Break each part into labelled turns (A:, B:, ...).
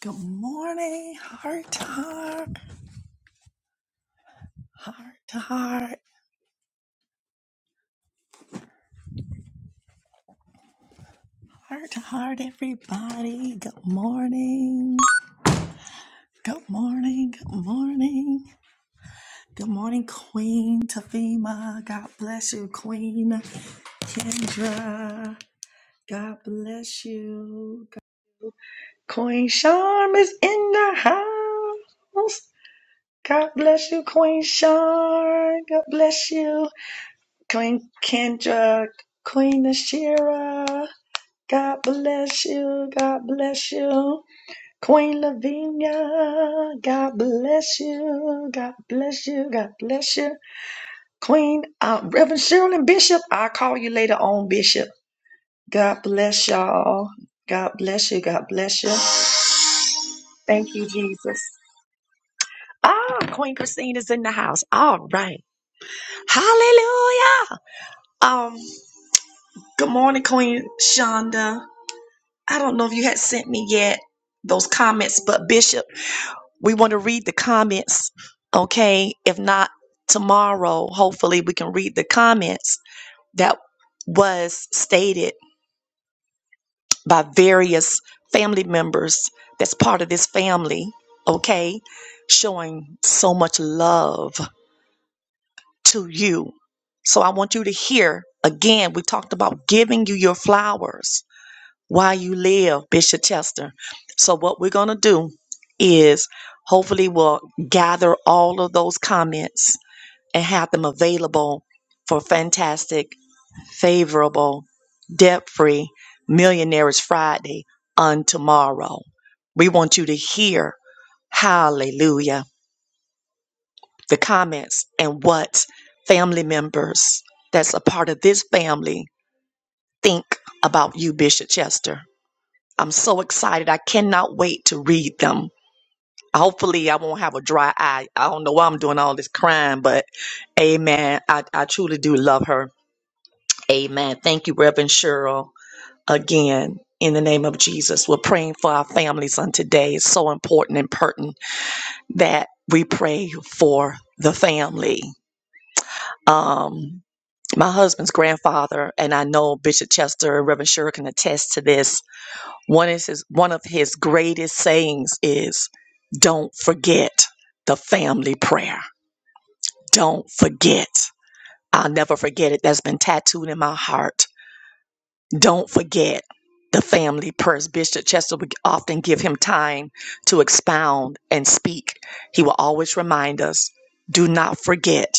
A: Good morning, heart to heart, heart to heart, heart to heart, everybody. Good morning. Good morning. Good morning. Good morning, Queen Tafima. God bless you, Queen Kendra. God bless you. Queen Charm is in the house. God bless you, Queen Charm. God bless you. Queen Kendra, Queen Ashira, God bless you. God bless you. Queen Lavinia, God bless you. God bless you. God bless you. Queen uh, Reverend Cheryl and Bishop, I'll call you later on, Bishop. God bless y'all. God bless you. God bless you. Thank you, Jesus. Ah, Queen Christine is in the house. All right. Hallelujah. Um, good morning, Queen Shonda. I don't know if you had sent me yet those comments, but Bishop, we want to read the comments. Okay. If not tomorrow, hopefully we can read the comments that was stated by various family members that's part of this family. Okay. Showing so much love to you. So I want you to hear again, we talked about giving you your flowers while you live, Bishop Chester. So what we're going to do is hopefully we'll gather all of those comments and have them available for fantastic, favorable, debt-free Millionaires Friday on tomorrow. We want you to hear hallelujah, the comments and what family members that's a part of this family think about you, Bishop Chester. I'm so excited. I cannot wait to read them. Hopefully, I won't have a dry eye. I don't know why I'm doing all this crying, but amen. I, I truly do love her. Amen. Thank you, Reverend Cheryl. Again, in the name of Jesus, we're praying for our families on today. It's so important and pertinent that we pray for the family. Um, my husband's grandfather, and I know Bishop Chester and Reverend Cheryl can attest to this One is his, one of his greatest sayings is, "Don't forget the family prayer. Don't forget. I'll never forget it. That's been tattooed in my heart. Don't forget the family prayers." Bishop Chester would often give him time to expound and speak. He will always remind us, "Do not forget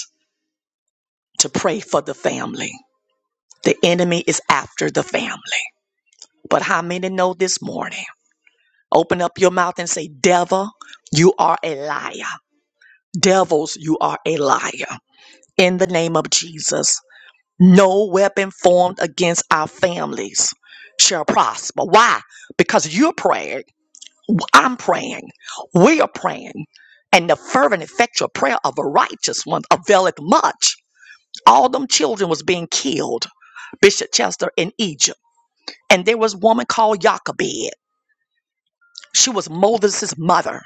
A: to pray for the family. The enemy is after the family." But how many know this morning? Open up your mouth and say, Devil, you are a liar. Devils, you are a liar. In the name of Jesus, no weapon formed against our families shall prosper. Why? Because you're praying, I'm praying, we are praying. And the fervent, effectual prayer of a righteous one availeth much. All them children was being killed, Bishop Chester in Egypt. And there was a woman called Jochebed. She was Moses' mother,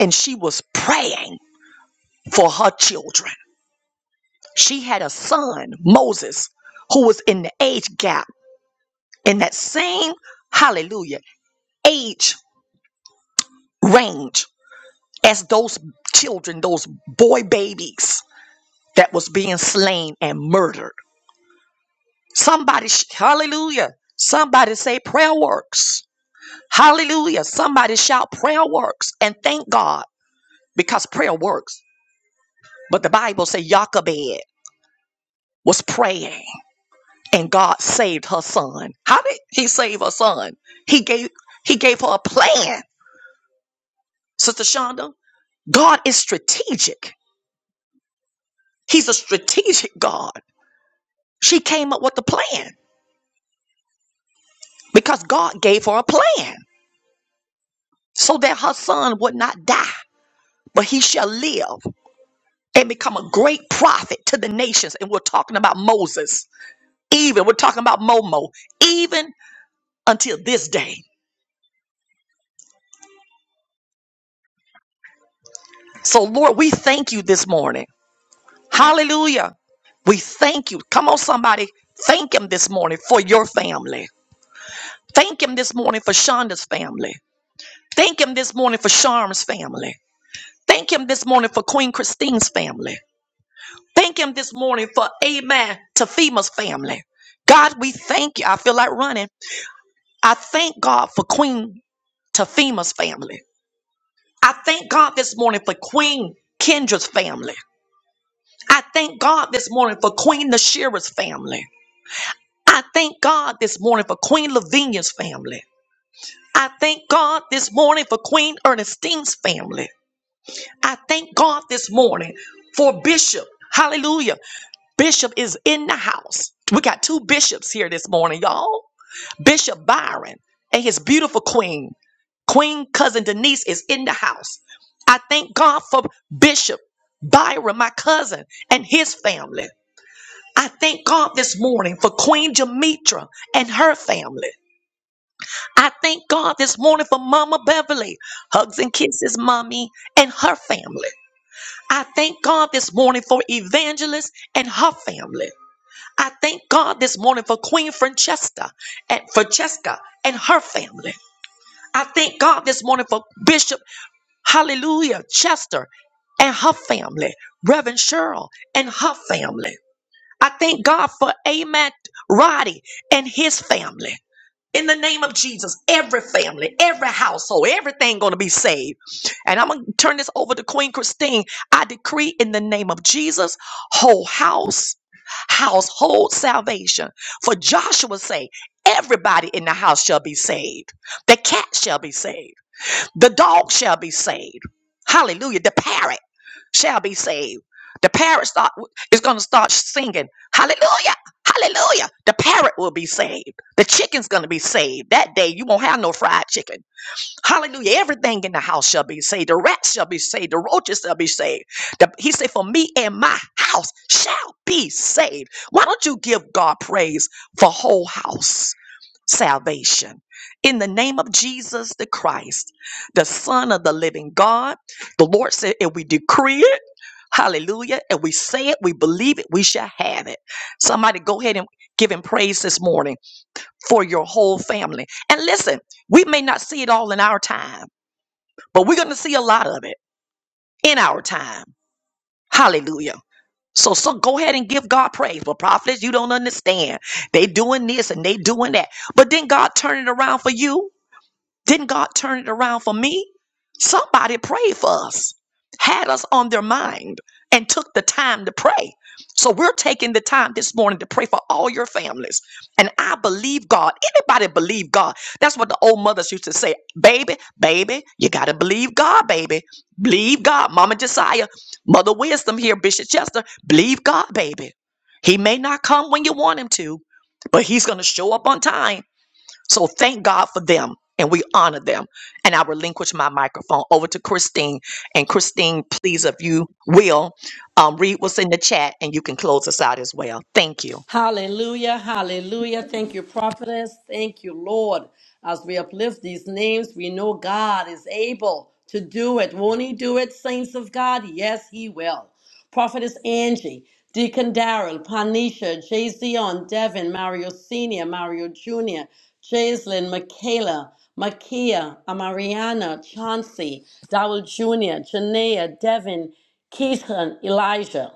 A: and she was praying. for her children. She had a son, Moses, who was in the age gap, in that same, hallelujah, age range as those children, those boy babies that was being slain and murdered. Somebody, sh- hallelujah, somebody say prayer works. Hallelujah, somebody shout prayer works and thank God because prayer works. But the Bible say Jochebed was praying and God saved her son. How did he save her son? He gave he gave her a plan. Sister Shonda, God is strategic. He's a strategic God. She came up with the plan because God gave her a plan so that her son would not die, but he shall live and become a great prophet to the nations. And we're talking about Moses. Even we're talking about Momo. Even until this day. So Lord, we thank you this morning. Hallelujah. We thank you. Come on, somebody. Thank him this morning for your family. Thank him this morning for Shonda's family. Thank him this morning for Sharm's family. Thank him this morning for Queen Christine's family. Thank him this morning for Amen Tafima's family. God, we thank you. I feel like running. I thank God for Queen Tafima's family. I thank God this morning for Queen Kendra's family. I thank God this morning for Queen Nashira's family. I thank God this morning for Queen Lavinia's family. I thank God this morning for Queen Ernestine's family. I thank God this morning for Bishop. Hallelujah. Bishop is in the house. We got two bishops here this morning, y'all. Bishop Byron and his beautiful queen, Queen cousin Denise is in the house. I thank God for Bishop Byron, my cousin, and his family. I thank God this morning for Queen Jamitra and her family. I thank God this morning for Mama Beverly. Hugs and kisses, Mommy, and her family. I thank God this morning for Evangelist and her family. I thank God this morning for Queen Francesca and Francesca and her family. I thank God this morning for Bishop Hallelujah Chester and her family, Reverend Cheryl and her family. I thank God for Amat Roddy and his family. In the name of Jesus, every family, every household, everything going to be saved. And I'm going to turn this over to Queen Christine. I decree in the name of Jesus, whole house, household salvation. For Joshua say, everybody in the house shall be saved. The cat shall be saved. The dog shall be saved. Hallelujah. The parrot shall be saved. The parrot start, is going to start singing, Hallelujah, Hallelujah. The parrot will be saved. The chicken's going to be saved. That day, you won't have no fried chicken. Hallelujah. Everything in the house shall be saved. The rats shall be saved. The roaches shall be saved. The- he said, For me and my house shall be saved. Why don't you give God praise for whole house salvation? In the name of Jesus the Christ, the Son of the living God, the Lord said, If we decree it, Hallelujah. And we say it, we believe it, we shall have it. Somebody go ahead and give him praise this morning for your whole family. And listen, we may not see it all in our time, but we're going to see a lot of it in our time. Hallelujah. So, so go ahead and give God praise. But prophets, you don't understand. They doing this and they doing that. But then God turn it around for you. Didn't God turn it around for me? Somebody prayed for us, had us on their mind, and took the time to pray. So we're taking the time this morning to pray for all your families. And I believe God. Anybody believe God? That's what the old mothers used to say. Baby, baby, you got to believe God, baby. Believe God. Mama Josiah, Mother Wisdom here, Bishop Chester, believe God, baby. He may not come when you want him to, but he's going to show up on time so thank God for them and we honor them. And I relinquish my microphone over to Christine. And Christine, please, if you will, um, read what's in the chat and you can close us out as well. Thank you.
B: Hallelujah, hallelujah. Thank you, prophetess. Thank you, Lord. As we uplift these names, we know God is able to do it. Won't He do it, saints of God? Yes, He will. Prophetess Angie, Deacon Darrell, Panisha, Jay Zion, Devin, Mario Sr., Mario Jr., Jaislyn, Michaela, Makia, Amariana, Chauncey, Dowell Jr., Janaea, Devin, Keith, and Elijah.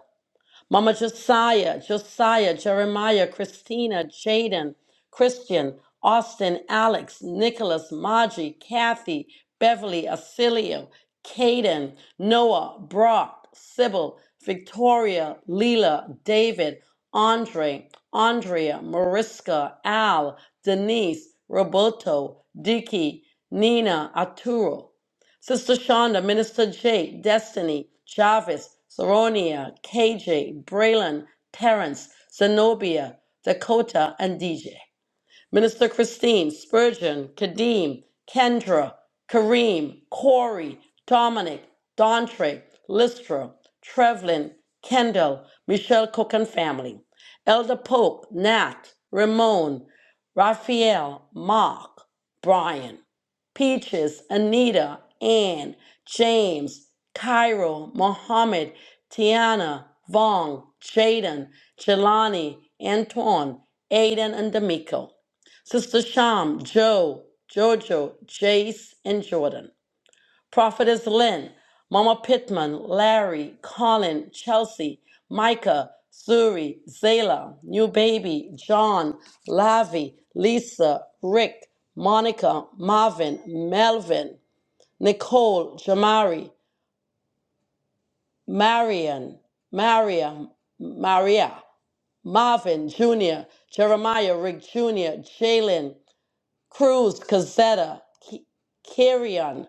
B: Mama Josiah, Josiah, Jeremiah, Christina, Jaden, Christian, Austin, Alex, Nicholas, Maji, Kathy, Beverly, Acilio, Caden, Noah, Brock, Sybil, Victoria, Leela, David, Andre, Andrea, Mariska, Al, Denise, Roberto, Dicky, Nina, Arturo. Sister Shonda, Minister Jake, Destiny, Jarvis, Soronia, KJ, Braylon, Terrence, Zenobia, Dakota, and DJ. Minister Christine, Spurgeon, Kadeem, Kendra, Kareem, Corey, Dominic, Dontre, Listra, Trevlin, Kendall, Michelle Cook and family, Elder Pope, Nat, Ramon, Raphael, Mark, Brian, Peaches, Anita, Ann, James, Cairo, Mohammed, Tiana, Vong, Jaden, Jelani, Antoine, Aiden, and D'Amico. Sister Sham, Joe, Jojo, Jace, and Jordan. Prophetess Lynn, Mama Pittman, Larry, Colin, Chelsea, Micah, Suri, Zayla, New Baby, John, Lavi, Lisa, Rick, Monica, Marvin, Melvin, Nicole, Jamari, Marion, Maria, Maria, Marvin Jr., Jeremiah, Rick Jr., Jalen, Cruz, Cazetta, K- Carrion,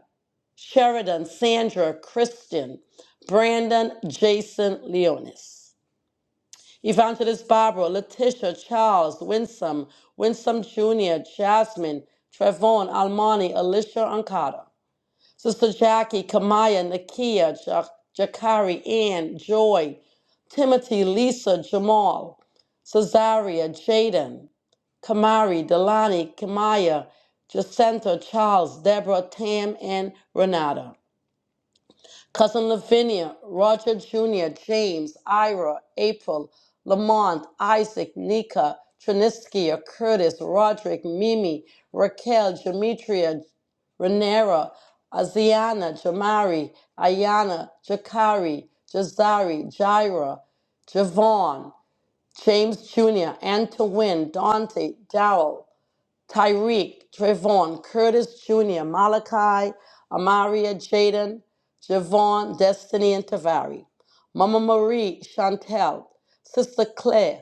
B: Sheridan, Sandra, Kristen, Brandon, Jason, Leonis. Evangelist Barbara, Letitia, Charles, Winsome, Winsome Jr., Jasmine, Trevon, Almani, Alicia, Ancada. Sister Jackie, Kamaya, Nakia, Ja- Jakari, Ann, Joy, Timothy, Lisa, Jamal, Cesaria, Jaden, Kamari, Delani, Kamaya, Jacinta, Charles, Deborah, Tam, and Renata. Cousin Lavinia, Roger Jr., James, Ira, April, Lamont, Isaac, Nika, Triniskia, Curtis, Roderick, Mimi, Raquel, Demetria, Renera, Aziana, Jamari, Ayana, Jakari, Jazari, Jaira, Javon, James Jr., Antoine, Dante, Darrell, Tyreek, Trevon, Curtis Jr., Malachi, Amaria, Jaden, Javon, Destiny, and Tavari. Mama Marie, Chantel, Sister Claire,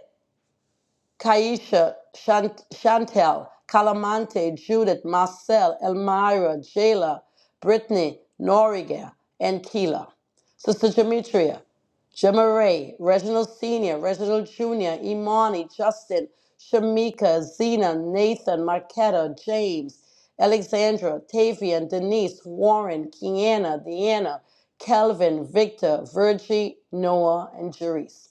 B: Kaisha, Shant- Chantel, Calamante, Judith, Marcel, Elmira, Jayla, Brittany, Noriga, and Keela. Sister Demetria, Jemaray, Reginald Sr., Reginald Jr., Imani, Justin, Shamika, Zena, Nathan, Marquetta, James, Alexandra, Tavian, Denise, Warren, Kiana, Deanna, Kelvin, Victor, Virgie, Noah, and Jerice.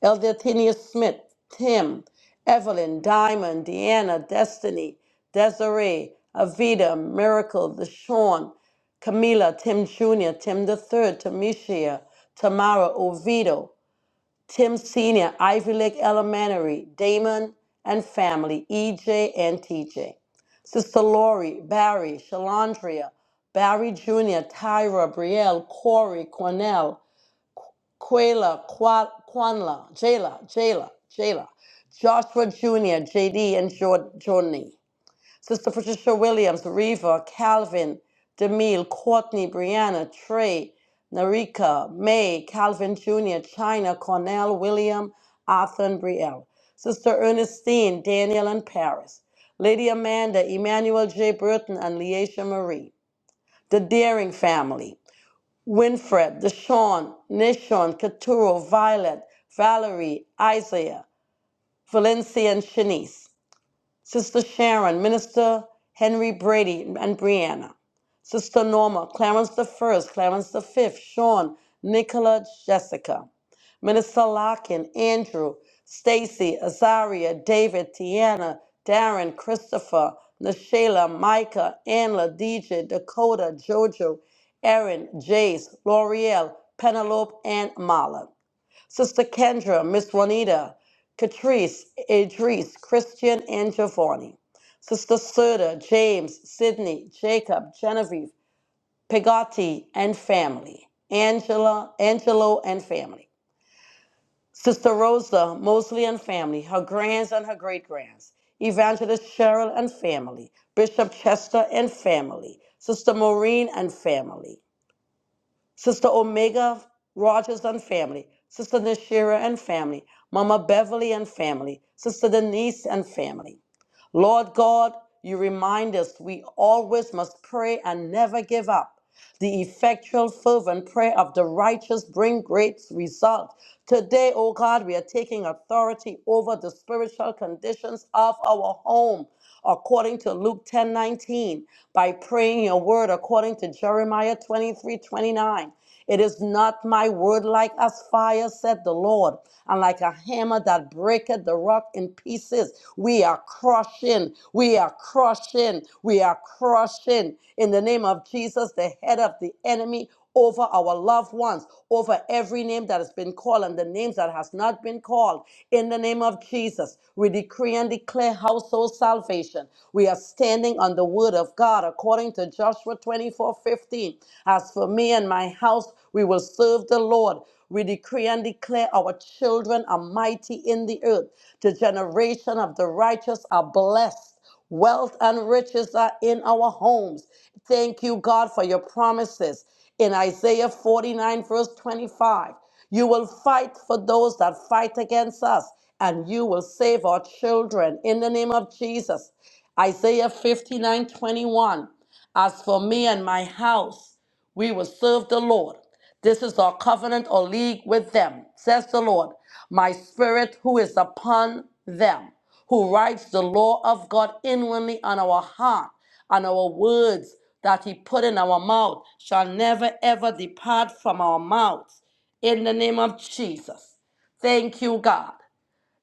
B: Elder Tania Smith, Tim, Evelyn, Diamond, Deanna, Destiny, Desiree, Avita, Miracle, Deshawn, Camila, Tim Jr., Tim the Third, Tamisha, Tamara, Oviedo, Tim Sr., Ivy Lake Elementary, Damon and family, EJ and TJ. Sister Lori, Barry, Shalandria, Barry Jr., Tyra, Brielle, Corey, Cornell, Quayla, Quanla, Jayla, Jayla, Jayla, Joshua Jr., JD, and Jor- Jorney. Sister Patricia Williams, Reva, Calvin, Demille, Courtney, Brianna, Trey, Narika, May, Calvin Jr., China, Cornell, William, Arthur, and Brielle. Sister Ernestine, Daniel, and Paris. Lady Amanda, Emmanuel J. Burton, and Leisha Marie. The Daring family. Winfred, Deshawn, Nishon, Katuro, Violet, Valerie, Isaiah, Valencia, and Shanice. Sister Sharon, Minister Henry Brady and Brianna, Sister Norma, Clarence the First, Clarence the Fifth, Sean, Nicola, Jessica, Minister Larkin, Andrew, Stacy, Azaria, David, Tiana, Darren, Christopher, Nashayla, Micah, Anla, DJ, Dakota, Jojo, Erin, Jace, L'Oreal, Penelope, and Marla. Sister Kendra, Miss Juanita, Catrice, Idris, Christian, and Giovanni. Sister Serta, James, Sydney, Jacob, Genevieve, Pegati, and family. Angela, Angelo, and family. Sister Rosa, Mosley and family, her grands and her great grands. Evangelist Cheryl and family. Bishop Chester and family. Sister Maureen and family. Sister Omega Rogers and family, Sister Nashira and family, Mama Beverly and family, Sister Denise and family. Lord God, you remind us we always must pray and never give up. The effectual, fervent prayer of the righteous bring great result. Today, O God, we are taking authority over the spiritual conditions of our home, according to Luke 10:19, by praying your word according to Jeremiah 23:29. It is not my word like as fire, said the Lord, and like a hammer that breaketh the rock in pieces. We are crushing, we are crushing, we are crushing in the name of Jesus, the head of the enemy over our loved ones, over every name that has been called and the names that has not been called. In the name of Jesus, we decree and declare household salvation. We are standing on the word of God according to Joshua 24:15. 15. As for me and my house, we will serve the Lord. We decree and declare our children are mighty in the earth. The generation of the righteous are blessed. Wealth and riches are in our homes. Thank you, God, for your promises. In Isaiah 49, verse 25, you will fight for those that fight against us, and you will save our children in the name of Jesus. Isaiah 59:21. As for me and my house, we will serve the Lord. This is our covenant or league with them, says the Lord. My spirit who is upon them, who writes the law of God inwardly on our heart, and our words that he put in our mouth shall never ever depart from our mouths. In the name of Jesus. Thank you, God.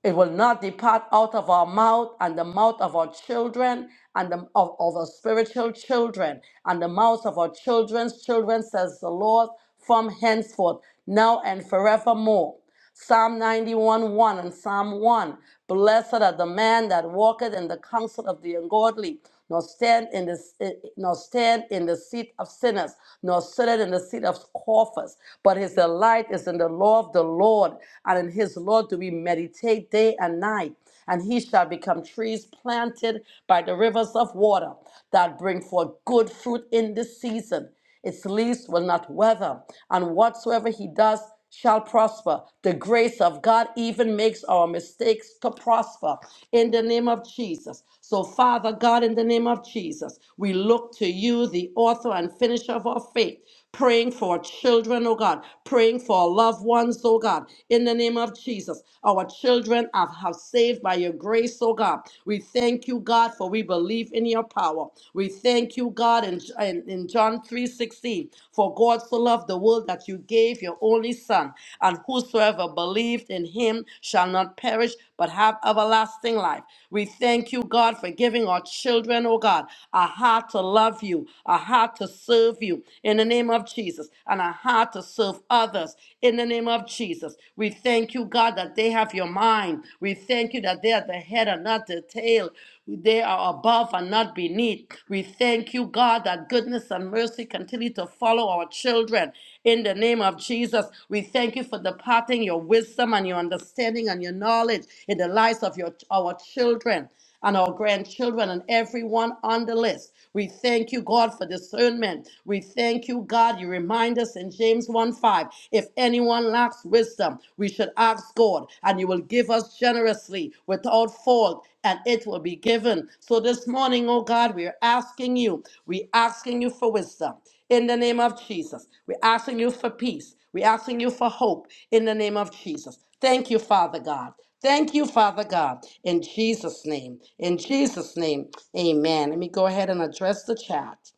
B: It will not depart out of our mouth and the mouth of our children and the, of, of our spiritual children and the mouths of our children's children, says the Lord, from henceforth, now and forevermore. Psalm 91 1 and Psalm 1. Blessed are the man that walketh in the counsel of the ungodly, nor stand in the eh, nor stand in the seat of sinners, nor sit in the seat of scoffers. But his delight is in the law of the Lord, and in his law do we meditate day and night. And he shall become trees planted by the rivers of water that bring forth good fruit in this season. Its leaves will not wither, and whatsoever he does shall prosper. The grace of God even makes our mistakes to prosper in the name of Jesus. So, Father God, in the name of Jesus, we look to you, the author and finisher of our faith, praying for children, oh God, praying for our loved ones, oh God, in the name of Jesus. Our children are, have saved by your grace, oh God. We thank you, God, for we believe in your power. We thank you, God, in in, in, in John 3:16, for God so loved the world that you gave your only son, and whosoever believed in him shall not perish but have everlasting life. We thank you, God, for giving our children, oh God, a heart to love you, a heart to serve you in the name of Jesus, and a heart to serve others in the name of Jesus. We thank you, God, that they have your mind. We thank you that they are the head and not the tail. They are above and not beneath. We thank you, God, that goodness and mercy continue to follow our children. In the name of Jesus, we thank you for departing your wisdom and your understanding and your knowledge in the lives of your our children and our grandchildren and everyone on the list. We thank you, God, for discernment. We thank you, God. You remind us in James 1 5 if anyone lacks wisdom, we should ask God, and you will give us generously without fault. And it will be given. So this morning, oh God, we are asking you, we're asking you for wisdom in the name of Jesus. We're asking you for peace. We're asking you for hope in the name of Jesus. Thank you, Father God. Thank you, Father God, in Jesus' name. In Jesus' name, amen. Let me go ahead and address the chat.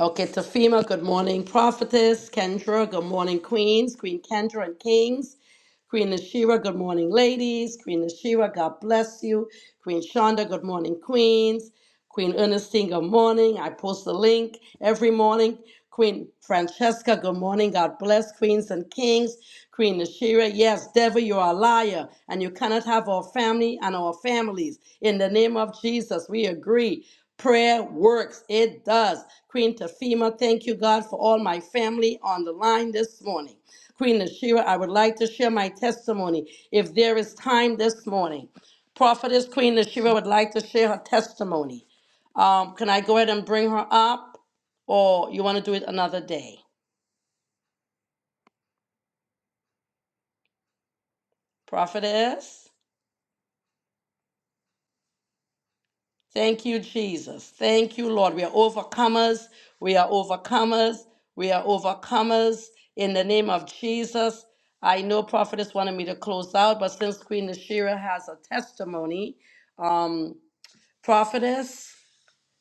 B: Okay, Tafima, good morning, prophetess. Kendra, good morning, queens, Queen Kendra and kings. Queen Ashira, good morning, ladies. Queen Ashira, God bless you. Queen Shonda, good morning, queens. Queen Ernestine, good morning. I post the link every morning. Queen Francesca, good morning. God bless queens and kings. Queen Ashira, yes, devil, you are a liar, and you cannot have our family and our families. In the name of Jesus, we agree. Prayer works. It does. Queen Tafima, thank you, God, for all my family on the line this morning. Queen Ashira, I would like to share my testimony if there is time this morning. Prophetess Queen Ashira would like to share her testimony. Um, can I go ahead and bring her up, or you want to do it another day? Prophetess, thank you, Jesus. Thank you, Lord. We are overcomers. We are overcomers. We are overcomers in the name of Jesus. I know Prophetess wanted me to close out, but since Queen Nashira has a testimony, um, Prophetess.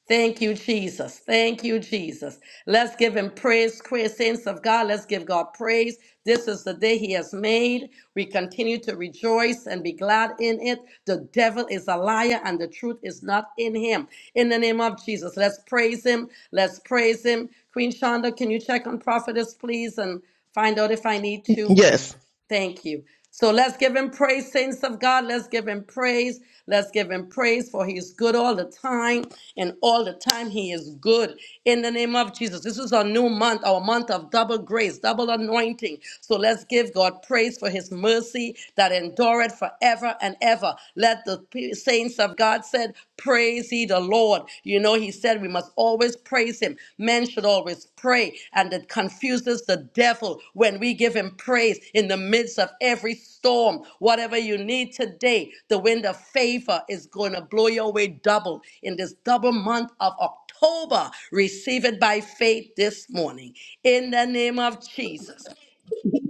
B: Thank you, Jesus. Thank you, Jesus. Let's give him praise, praise, saints of God. Let's give God praise. This is the day he has made. We continue to rejoice and be glad in it. The devil is a liar and the truth is not in him. In the name of Jesus, let's praise him. Let's praise him. Queen Shonda, can you check on prophetess, please, and find out if I need to?
C: Yes.
B: Thank you. So let's give him praise, saints of God. Let's give him praise. Let's give him praise for he is good all the time. And all the time he is good. In the name of Jesus. This is our new month, our month of double grace, double anointing. So let's give God praise for his mercy that endureth forever and ever. Let the p- saints of God said, Praise ye the the Lord. You know, he said we must always praise him. Men should always pray, and it confuses the devil when we give him praise in the midst of every storm. Whatever you need today, the wind of favor is going to blow your way double in this double month of October. Receive it by faith this morning in the name of Jesus.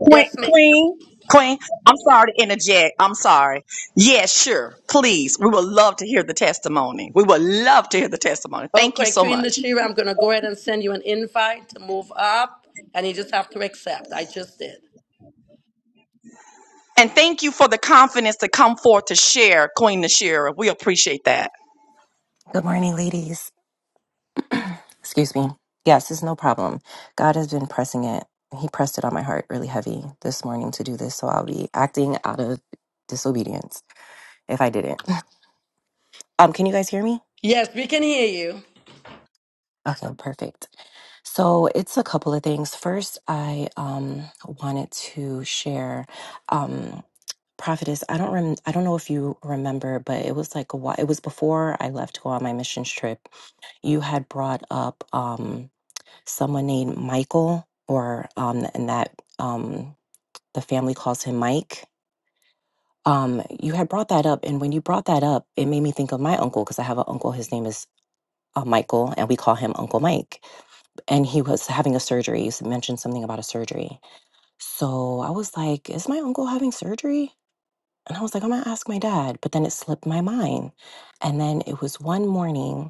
A: Queen,
B: Yes, ma'am.
A: Queen, Queen, I'm sorry to interject. I'm sorry. Yes, sure. Please. We would love to hear the testimony. We would love to hear the testimony. Thank you
B: Okay,
A: so
B: Queen
A: much.
B: Lashira, I'm going to go ahead and send you an invite to move up, and you just have to accept. I just did.
A: And thank you for the confidence to come forth to share, Queen Nashira. We appreciate that.
D: Good morning, ladies. Excuse me. Yes, it's no problem. God has been pressing it. He pressed it on my heart really heavy this morning to do this, so I'll be acting out of disobedience if I didn't. Um, can you guys hear me?
B: Yes, we can hear you.
D: Okay, perfect. So it's a couple of things. First, I um, wanted to share, um, prophetess. I don't rem- I don't know if you remember, but it was like a while. It was before I left to go on my missions trip. You had brought up. Um, someone named Michael, or um, and that um, the family calls him Mike. Um, you had brought that up, and when you brought that up, it made me think of my uncle because I have an uncle. His name is uh, Michael, and we call him Uncle Mike. And he was having a surgery. You mentioned something about a surgery. So I was like, "Is my uncle having surgery?" And I was like, "I'm gonna ask my dad," but then it slipped my mind. And then it was one morning.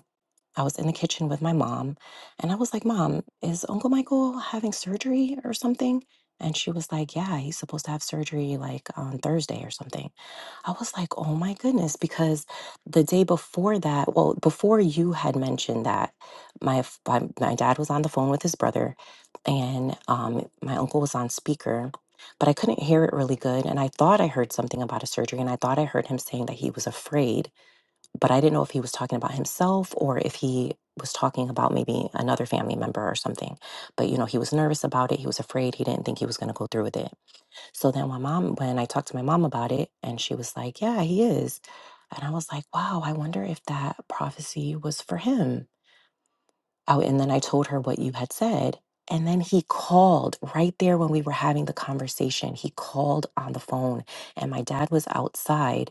D: I was in the kitchen with my mom and I was like, Mom, is Uncle Michael having surgery or something? And she was like, Yeah, he's supposed to have surgery like on Thursday or something. I was like, Oh my goodness, because the day before that, well, before you had mentioned that, my f- my, my dad was on the phone with his brother and um, my uncle was on speaker. But I couldn't hear it really good. And I thought I heard something about a surgery. And I thought I heard him saying that he was afraid but I didn't know if he was talking about himself or if he was talking about maybe another family member or something. But you know, he was nervous about it. He was afraid. He didn't think he was going to go through with it. So then my mom, when I talked to my mom about it, and she was like, "Yeah, he is." And I was like, "Wow, I wonder if that prophecy was for him." Oh, and then I told her what you had said. And then he called right there when we were having the conversation. He called on the phone, and my dad was outside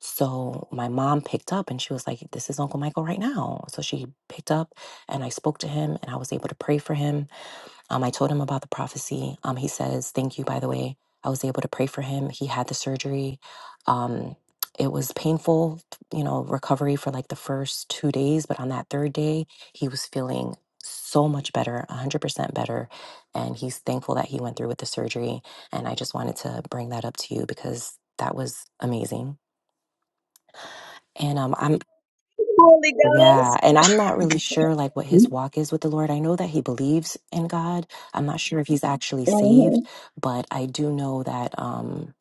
D: so my mom picked up and she was like, This is Uncle Michael right now. So she picked up and I spoke to him and I was able to pray for him. Um, I told him about the prophecy. Um, he says, Thank you, by the way. I was able to pray for him. He had the surgery. Um, it was painful, you know, recovery for like the first two days. But on that third day, he was feeling so much better, 100% better. And he's thankful that he went through with the surgery. And I just wanted to bring that up to you because that was amazing and um, I'm
A: Holy God.
D: yeah, and I'm not really sure like what his walk is with the Lord. I know that he believes in God. I'm not sure if he's actually saved, but I do know that um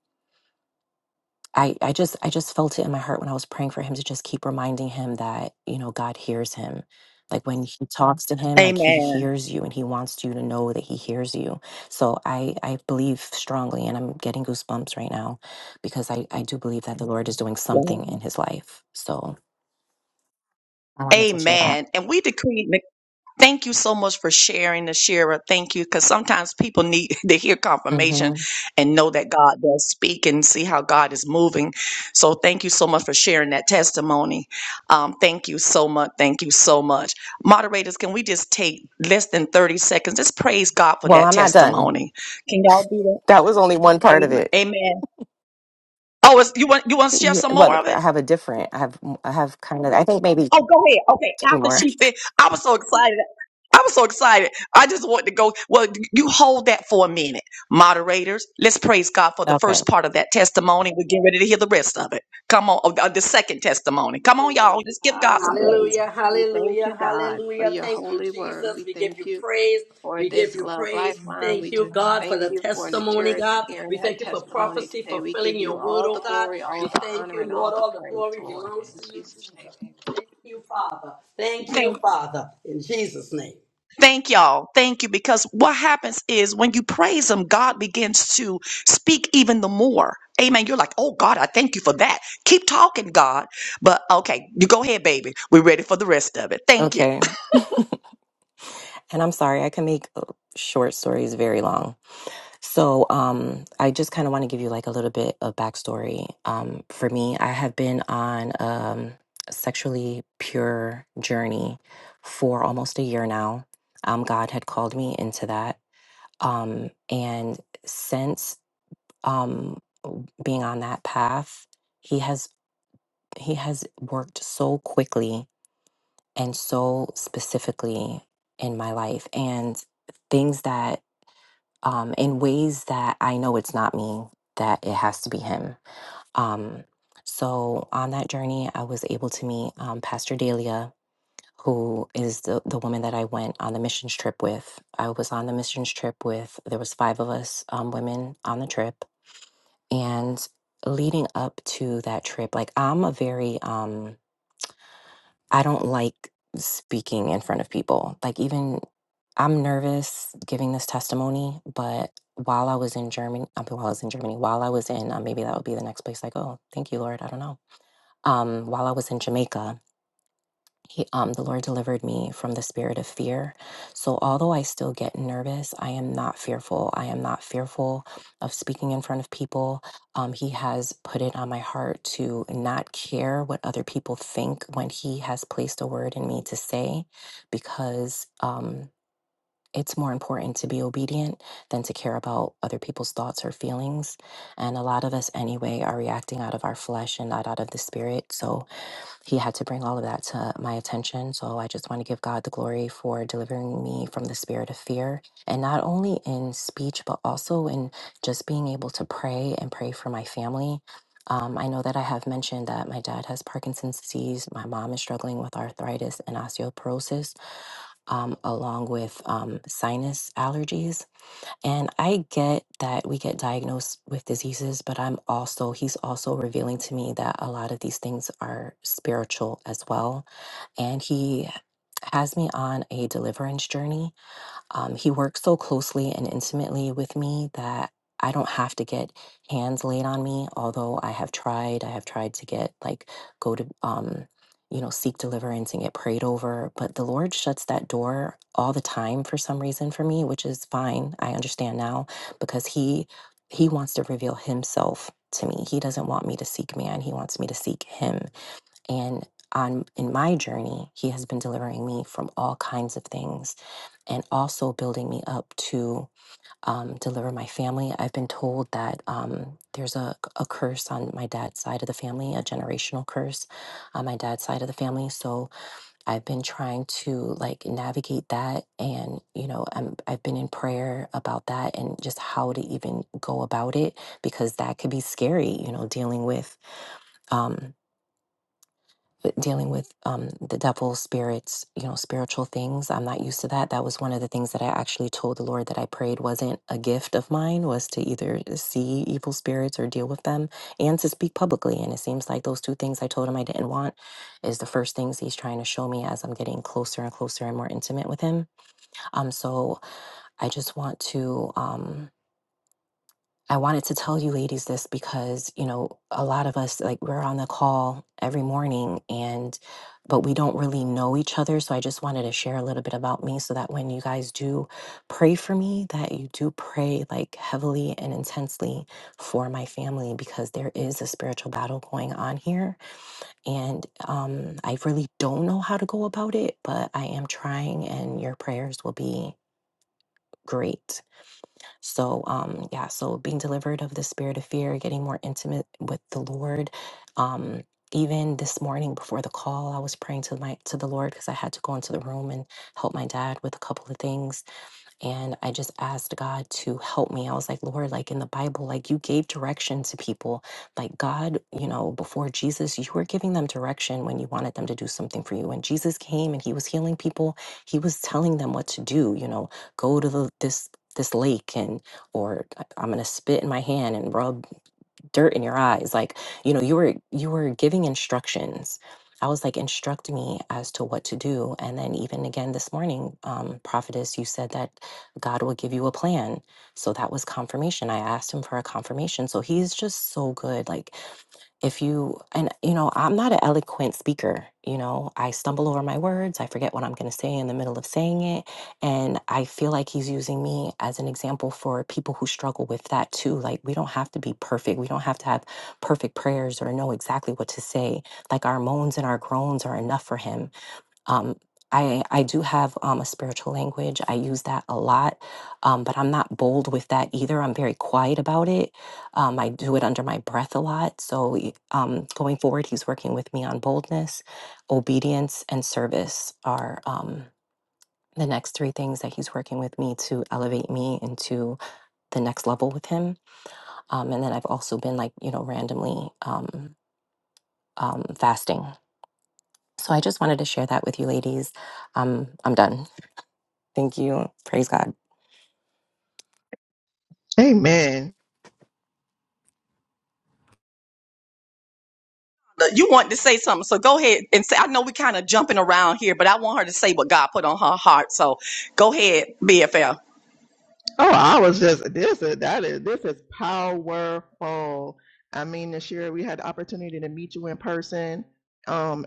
D: I I just I just felt it in my heart when I was praying for him to just keep reminding him that, you know, God hears him. Like when he talks to him, like he hears you and he wants you to know that he hears you. So I I believe strongly and I'm getting goosebumps right now because I I do believe that the Lord is doing
A: Amen.
D: something in his life. So I wanted to share that.
A: Amen. And we decree, thank you so much for sharing the Thank you. Because sometimes people need to hear
D: Mm-hmm.
A: confirmation and know that God does speak and see how God is moving. So thank you so much for sharing that testimony. Um, thank you so much. Thank you so much. Moderators, can we just take less than 30 seconds? Just praise God for
D: Well,
A: that
D: I'm not done.
A: testimony. Can y'all do that?
D: That was only one part of
A: Amen.
D: it.
A: Amen. Oh, it's, you want you want to share
D: Yeah,
A: some more
D: well,
A: of it?
D: I have a different. I have I have kind of I think maybe
A: Oh, go ahead. Okay,
D: two
A: after
D: more.
A: she fit, I was so excited. I'm so excited. I just want to go. Well, you hold that for a minute, moderators. Let's praise God for the
D: Okay.
A: first part of that testimony. We're getting ready to hear the rest of it. Come on, oh, the second testimony. Come on, y'all.
E: Lord.
A: Let's give God some praise.
E: Hallelujah.
B: Hallelujah,
E: We thank you,
B: hallelujah,
E: God, for
B: hallelujah.
E: your
B: Thank you,
E: holy word.
B: Jesus.
E: We
B: We give you
E: thank you
B: praise.
E: for
B: We give
E: this
B: you
E: love
B: praise.
E: lifeline.
B: Thank
E: We
B: you,
E: just
B: God, for
E: thank
B: the
E: you for
B: testimony,
E: Nashira
B: God.
E: sharing
B: We
E: her
B: thank you for
E: testimony
B: prophecy,
E: today. We
B: fulfilling
E: give
B: your
E: you
B: word,
E: all
B: oh
E: the
B: God.
E: glory,
B: We
E: all the
B: thank
E: honor,
B: you,
E: and all
B: Lord.
E: the
B: All the
E: praise,
B: glory
E: Lord.
B: belongs
E: In
B: to you,
E: Jesus' name,
B: Jesus.
E: amen.
B: Thank you, Father. Thank you,
A: Thank,
B: Father. In Jesus' name.
A: thank y'all. Thank you. Because what happens is when you praise Him, God begins to speak even the more. Amen. You're like, oh God, I thank you for that. Keep talking, God. But okay, you go ahead, baby. We're ready for the rest of it. Thank you.
D: Okay. And I'm sorry, I can make uh, short stories very long. So, um, I just kind of want to give you like a little bit of backstory. Um, for me, I have been on um a sexually pure journey for almost a year now. Um, God had called me into that. Um, and since um, w- being on that path, he has he has worked so quickly and so specifically in my life, and things that um, in ways that I know it's not me that it has to be him. Um, so on that journey, I was able to meet um, Pastor Delia, who is the, the woman that I went on the missions trip with. I was on the missions trip with, there was five of us um, women on the trip And leading up to that trip, like I'm a very um I don't like speaking in front of people. Like even I'm nervous giving this testimony, but while I was in Germany, I mean, while I was in Germany, while I was in uh, maybe that would be the next place I go. Thank you, Lord. I don't know. Um, while I was in Jamaica, he, um, the Lord delivered me from the spirit of fear. So, although I still get nervous, I am not fearful. I am not fearful of speaking in front of people. Um, he has put it on my heart to not care what other people think when He has placed a word in me to say, because um, it's more important to be obedient than to care about other people's thoughts or feelings. And a lot of us, anyway, are reacting out of our flesh and not out of the spirit. So, he had to bring all of that to my attention. So I just want to give God the glory for delivering me from the spirit of fear. And not only in speech, but also in just being able to pray and pray for my family. Um, I know that I have mentioned that my dad has Parkinson's disease. My mom is struggling with arthritis and osteoporosis, um, along with um, sinus allergies. And I get that we get diagnosed with diseases, but I'm also, he's also revealing to me that a lot of these things are spiritual as well. And he has me on a deliverance journey um, he works so closely and intimately with me that I don't have to get hands laid on me. Although I have tried, I have tried to get like go to um, you know seek deliverance and get prayed over, but the Lord shuts that door all the time for some reason for me, which is fine. I understand now because he he wants to reveal himself to me. He doesn't want me to seek man. He wants me to seek him. And on in my journey, he has been delivering me from all kinds of things and also building me up to um, deliver my family. I've been told that um, there's a, a curse on my dad's side of the family, a generational curse on my dad's side of the family. So I've been trying to like navigate that, and you know, I'm I've been in prayer about that and just how to even go about it because that could be scary, you know, dealing with. Um, with dealing with um, the devil spirits you know spiritual things i'm not used to that that was one of the things that i actually told the lord that i prayed wasn't a gift of mine was to either see evil spirits or deal with them and to speak publicly and it seems like those two things i told him i didn't want is the first things he's trying to show me as i'm getting closer and closer and more intimate with him um so i just want to um I wanted to tell you ladies this because, you know, a lot of us, like, we're on the call every morning and, but we don't really know each other. So I just wanted to share a little bit about me so that when you guys do pray for me, that you do pray like heavily and intensely for my family because there is a spiritual battle going on here. And um, I really don't know how to go about it, but I am trying and your prayers will be great. So, um, yeah, so being delivered of the spirit of fear, getting more intimate with the Lord. Um, even this morning before the call, I was praying to my to the Lord because I had to go into the room and help my dad with a couple of things and I just asked God to help me. I was like, Lord, like in the Bible, like you gave direction to people. Like God, you know, before Jesus, you were giving them direction when you wanted them to do something for you. When Jesus came and he was healing people, he was telling them what to do, you know, go to the, this this lake and or I- I'm going to spit in my hand and rub dirt in your eyes like you know you were you were giving instructions i was like instruct me as to what to do and then even again this morning um prophetess you said that god will give you a plan so that was confirmation i asked him for a confirmation so he's just so good like if you and you know i'm not an eloquent speaker you know i stumble over my words i forget what i'm going to say in the middle of saying it and i feel like he's using me as an example for people who struggle with that too like we don't have to be perfect we don't have to have perfect prayers or know exactly what to say like our moans and our groans are enough for him um, I, I do have um, a spiritual language. I use that a lot, um, but I'm not bold with that either. I'm very quiet about it. Um, I do it under my breath a lot. So y- um, going forward, he's working with me on boldness, obedience, and service are um, the next three things that he's working with me to elevate me into the next level with him. Um, and then I've also been like, you know, randomly um, um, fasting. So I just wanted to share that with you ladies. Um, I'm done. Thank you. Praise God.
C: Amen.
A: You want to say something, so go ahead and say. I know we kind of jumping around here, but I want her to say what God put on her heart. So go ahead, BFL.
C: Oh, I was just this is that is this is powerful. I mean, this year we had the opportunity to meet you in person um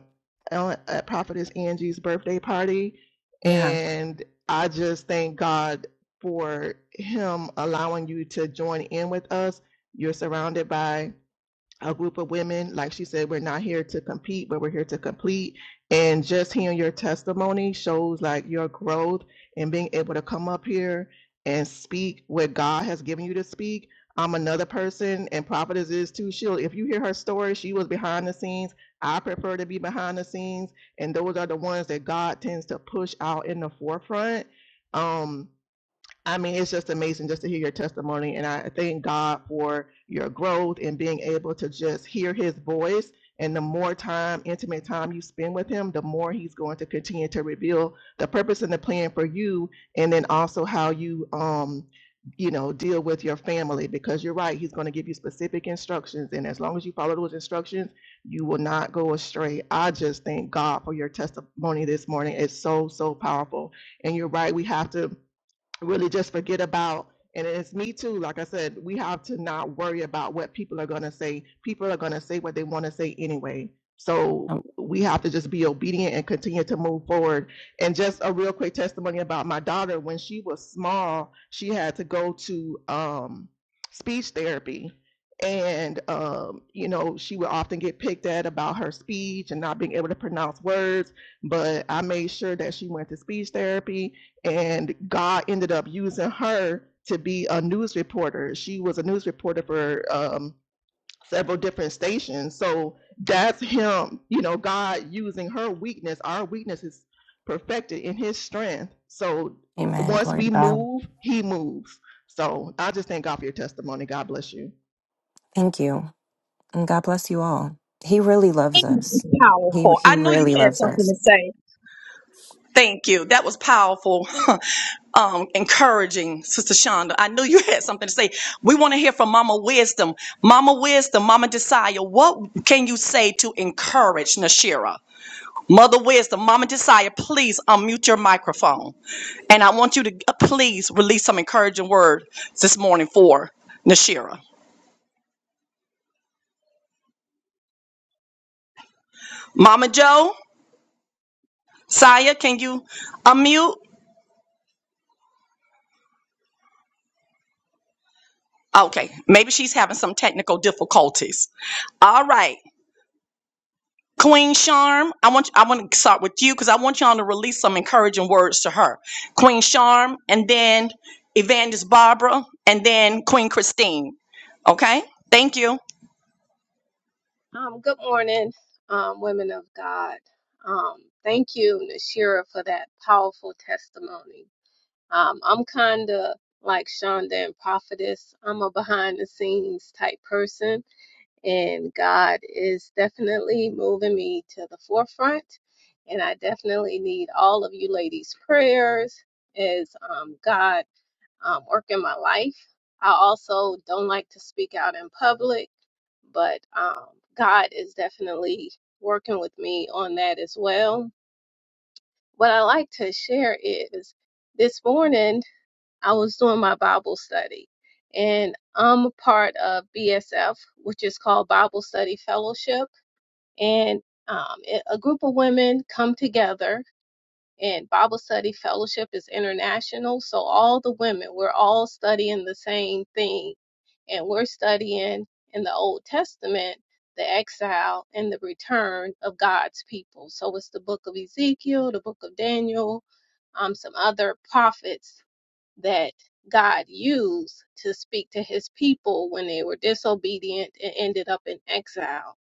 C: on- at Prophetess Angie's birthday party.
D: Yeah.
C: And I just thank God for him allowing you to join in with us. You're surrounded by a group of women. Like she said, we're not here to compete, but we're here to complete. And just hearing your testimony shows like your growth and being able to come up here and speak what God has given you to speak. I'm another person, and prophetess is too. She'll, if you hear her story, she was behind the scenes. I prefer to be behind the scenes, and those are the ones that God tends to push out in the forefront. Um, I mean, it's just amazing just to hear your testimony. And I thank God for your growth and being able to just hear his voice. And the more time, intimate time you spend with him, the more he's going to continue to reveal the purpose and the plan for you. And then also how you, um, you know, deal with your family because you're right. He's going to give you specific instructions. And as long as you follow those instructions, you will not go astray. I just thank God for your testimony this morning. It's so, so powerful. And you're right. We have to really just forget about and it's me too like i said we have to not worry about what people are going to say people are going to say what they want to say anyway so
D: Um,
C: we have to just be obedient and continue to move forward and just a real quick testimony about my daughter when she was small she had to go to um, speech therapy and um, you know she would often get picked at about her speech and not being able to pronounce words but i made sure that she went to speech therapy and God ended up using her to be a news reporter. She was a news reporter for um, several different stations. So that's him, you know, God using her weakness. Our weakness is perfected in His strength. So
D: amen.
C: once
D: Glory
C: we
D: to God.
C: move, He moves. So I just thank God for your testimony. God bless you,
D: Thank you. And God bless you all. He really loves us. He
A: Powerful.
D: he
A: I know you
D: really
A: had
D: loves us.
A: something to say. Thank you. That was powerful, um, encouraging, Sister Shonda. I knew you had something to say. We want to hear from Mama Wisdom. Mama Wisdom, Mama Desire, what can you say to encourage Nashira? Mother Wisdom, Mama Desire, please unmute your microphone. And I want you to uh, please release some encouraging word this morning for Nashira. Mama Joe, Saya, can you unmute? Okay, maybe she's having some technical difficulties. All right. Queen Charm, I want I want to start with you because I want y'all to release some encouraging words to her. Queen Charm, and then Evangelist Barbara, and then Queen Christine. Okay, thank you.
E: Um, good morning, um, women of God. Um, thank you, Nashira, for that powerful testimony. Um, I'm kind of like Shonda and Prophetess. I'm a behind the scenes type person. and God is definitely moving me to the forefront. And I definitely need all of you ladies' prayers as um, God um, work in my life. I also don't like to speak out in public, but um, God is definitely working with me on that as well. What I like to share is this morning I was doing my Bible study. And I'm a part of BSF, which is called Bible Study Fellowship. And um, it- a group of women come together, and Bible Study Fellowship is international. So all the women, we're all studying the same thing. And we're studying in the Old Testament the exile and the return of God's people. So it's the book of Ezekiel, the book of Daniel, um, some other prophets that God used to speak to his people when they were disobedient and ended up in exile.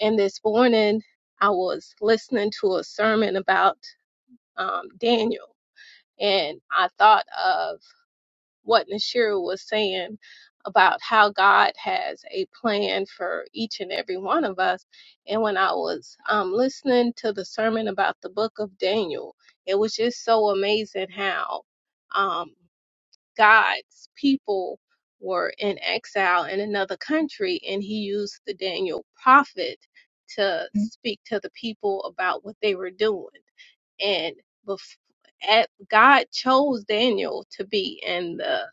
E: And this morning, I was listening to a sermon about um, Daniel, and I thought of what Nashira was saying about how God has a plan for each and every one of us. And when I was um, listening to the sermon about the book of Daniel, it was just so amazing how. Um, God's people were in exile in another country, and he used the Daniel prophet to Mhm. speak to the people about what they were doing. And bef- at, God chose Daniel to be in the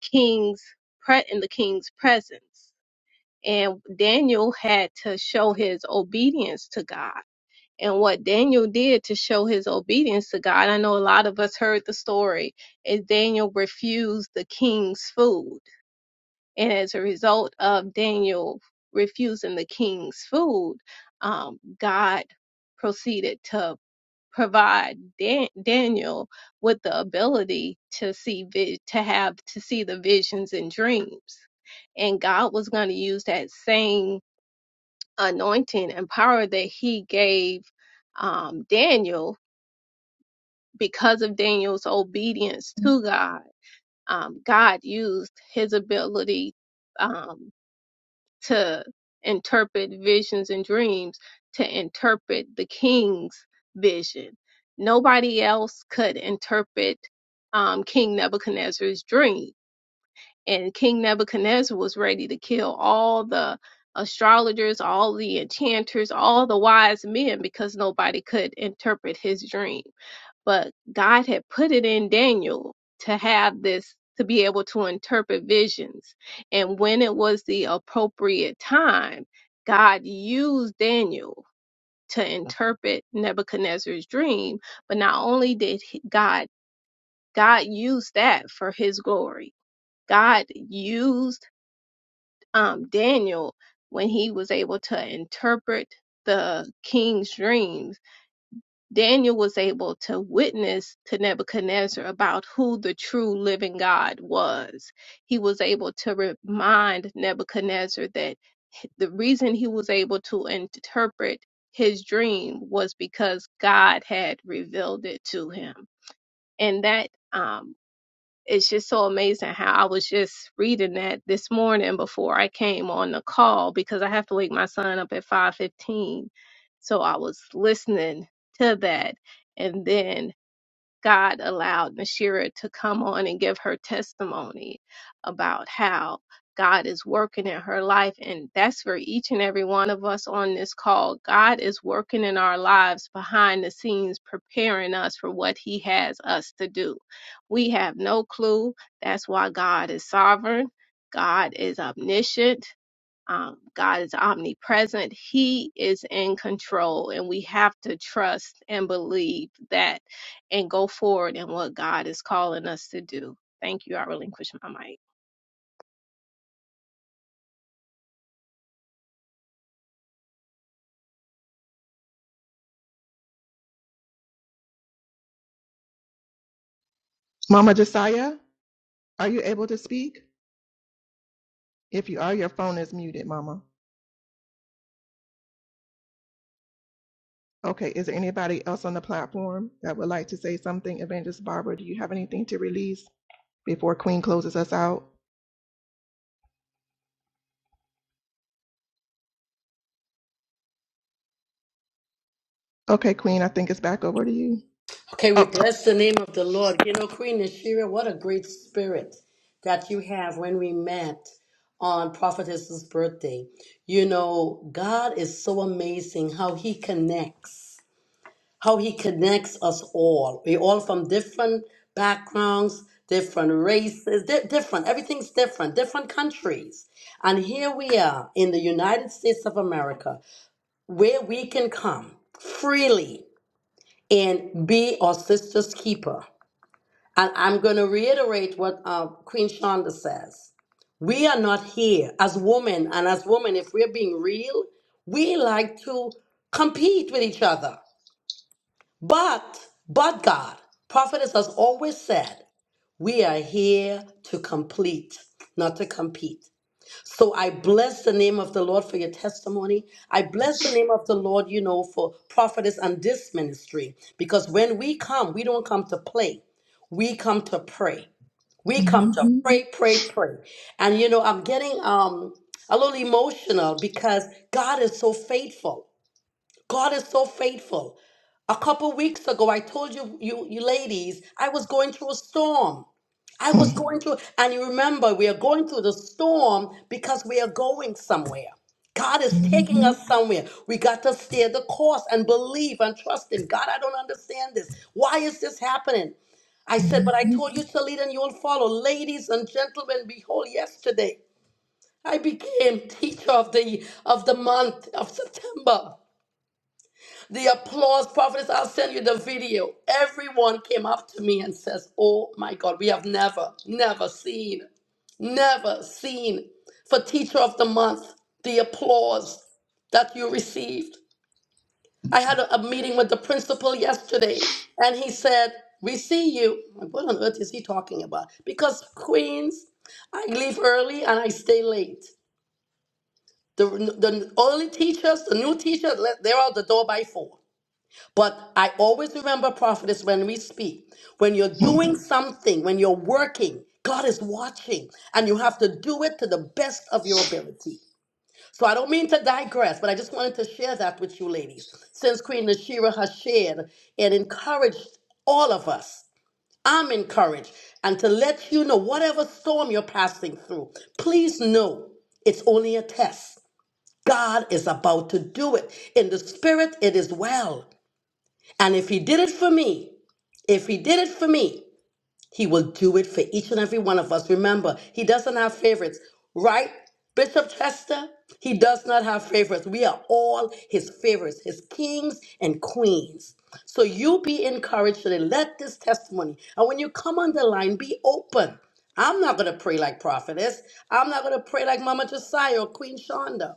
E: king's pre- in the king's presence, and Daniel had to show his obedience to God and what Daniel did to show his obedience to God. I know a lot of us heard the story is Daniel refused the king's food. And as a result of Daniel refusing the king's food, um, God proceeded to provide Dan- Daniel with the ability to see vi- to have to see the visions and dreams. And God was going to use that same anointing and power that he gave um, Daniel because of Daniel's obedience to God. Um, God used his ability um, to interpret visions and dreams to interpret the king's vision. Nobody else could interpret um, King Nebuchadnezzar's dream and King Nebuchadnezzar was ready to kill all the astrologers, all the enchanters, all the wise men because nobody could interpret his dream. But God had put it in Daniel to have this to be able to interpret visions. And when it was the appropriate time, God used Daniel to interpret Nebuchadnezzar's dream, but not only did he- God God used that for his glory. God used um, Daniel, when he was able to interpret the king's dreams, Daniel was able to witness to Nebuchadnezzar about who the true living God was. He was able to remind Nebuchadnezzar that the reason he was able to interpret his dream was because God had revealed it to him. And that um, it's just so amazing how I was just reading that this morning before I came on the call because I have to wake my son up at 5:15. So I was listening to that and then God allowed Nashira to come on and give her testimony about how God is working in her life. And that's for each and every one of us on this call. God is working in our lives behind the scenes, preparing us for what He has us to do. We have no clue. That's why God is sovereign, God is omniscient. Um, God is omnipresent. He is in control, and we have to trust and believe that and go forward in what God is calling us to do. Thank you. I relinquish my mic.
C: Mama Josiah. Are you able to speak? If you are, your phone is muted, Mama. Okay, is there anybody else on the platform that would like to say something? Evangelist Barbara, do you have anything to release before Queen closes us out? Okay, Queen, I think it's back over to you.
B: Okay, we
C: Oh.
B: bless the name of the Lord. You know, Queen Nashira, what a great spirit that you have when we met on Prophetess's birthday. You know, God is so amazing how he connects, how he connects us all. we all from different backgrounds, different races, di- different, everything's different, different countries. And here we are in the United States of America where we can come freely and be our sister's keeper. And I'm going to reiterate what uh, Queen Shonda says. We are not here as women, and as women, if we're being real, we like to compete with each other. But, but God, prophetess has always said, we are here to complete, not to compete. So I bless the name of the Lord for your testimony. I bless the name of the Lord, you know, for prophetess and this ministry. Because when we come, we don't come to play, we come to pray. We come to
C: Mhm,
B: pray, pray, pray. And you know, I'm getting um a little emotional because God is so faithful. God is so faithful. A couple weeks ago, I told you, you, you ladies, I was going through a storm. I was going through, and you remember, we are going through the storm because we are going somewhere. God is taking
C: mhm,
B: us somewhere. We got to steer the course and believe and trust in God, I don't understand this. Why is this happening? I said, but I
C: mhm,
B: told you to lead and you will follow. Ladies and gentlemen, behold, yesterday I became teacher of the of the month of September. The applause, prophetess, I'll send you the video. Everyone came up to me and says, Oh my God, we have never, never seen, never seen for Teacher of the Month the applause that you received. I had a, a meeting with the principal yesterday, and he said, We see you. What on earth is he talking about? Because Queens, I leave early and I stay late. The, the early teachers, the new teachers, le- they're out the door by four. But I always remember, prophetess, when we speak, when you're doing something, when you're working, God is watching, and you have to do it to the best of your ability. So I don't mean to digress, but I just wanted to share that with you ladies. Since Queen Nashira has shared and encouraged all of us, I'm encouraged. And to let you know, whatever storm you're passing through, please know it's only a test. God is about to do it. In the spirit, it is well. And if he did it for me, if he did it for me, he will do it for each and every one of us. Remember, he doesn't have favorites, right, Bishop Chester? He does not have favorites. We are all his favorites, his kings and queens. So you be encouraged today. Let this testimony, and when you come on the line, be open. I'm not going to pray like prophetess. I'm not going to pray like Mama Josiah or Queen Shonda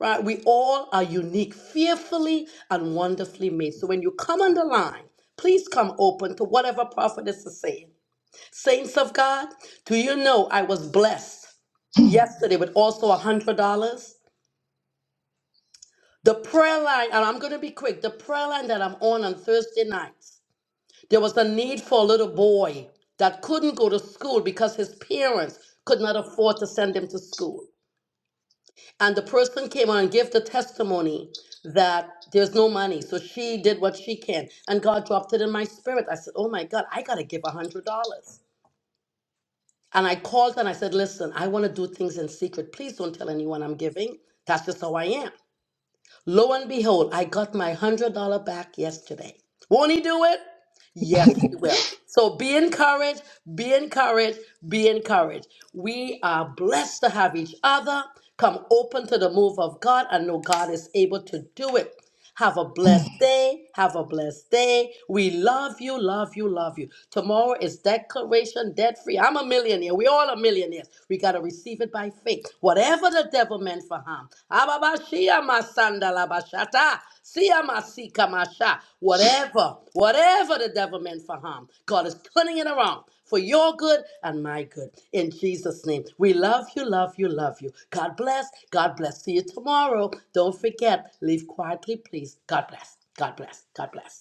B: right? We all are unique, fearfully and wonderfully made. So when you come on the line, please come open to whatever prophetess is saying. Saints of God, do you know I was blessed
C: mhm,
B: yesterday with also a hundred dollars? The prayer line, and I'm gonna be quick, the prayer line that I'm on on Thursday nights, there was a need for a little boy that couldn't go to school because his parents could not afford to send him to school. And the person came on and gave the testimony that there's no money. So she did what she can. And God dropped it in my spirit. I said, Oh my God, I got to give a $100. And I called and I said, Listen, I want to do things in secret. Please don't tell anyone I'm giving. That's just how I am. Lo and behold, I got my $100 back yesterday. Won't he do it? Yes, he
C: mhm.
B: will. So be encouraged, be encouraged, be encouraged. We are blessed to have each other. Come open to the move of God and know God is able to do it. Have a blessed day. Have a blessed day. We love you, love you, love you. Tomorrow is declaration debt free. I'm a millionaire. We all are millionaires. We got to receive it by faith whatever the devil meant for harm. Ababashia masanda labashata, siya masika masha. Whatever, whatever the devil meant for harm, God is turning it around for your good and my good. In Jesus' name, we love you, love you, love you. God bless. God bless. See you tomorrow. Don't forget, leave quietly, please. God bless. God bless. God bless.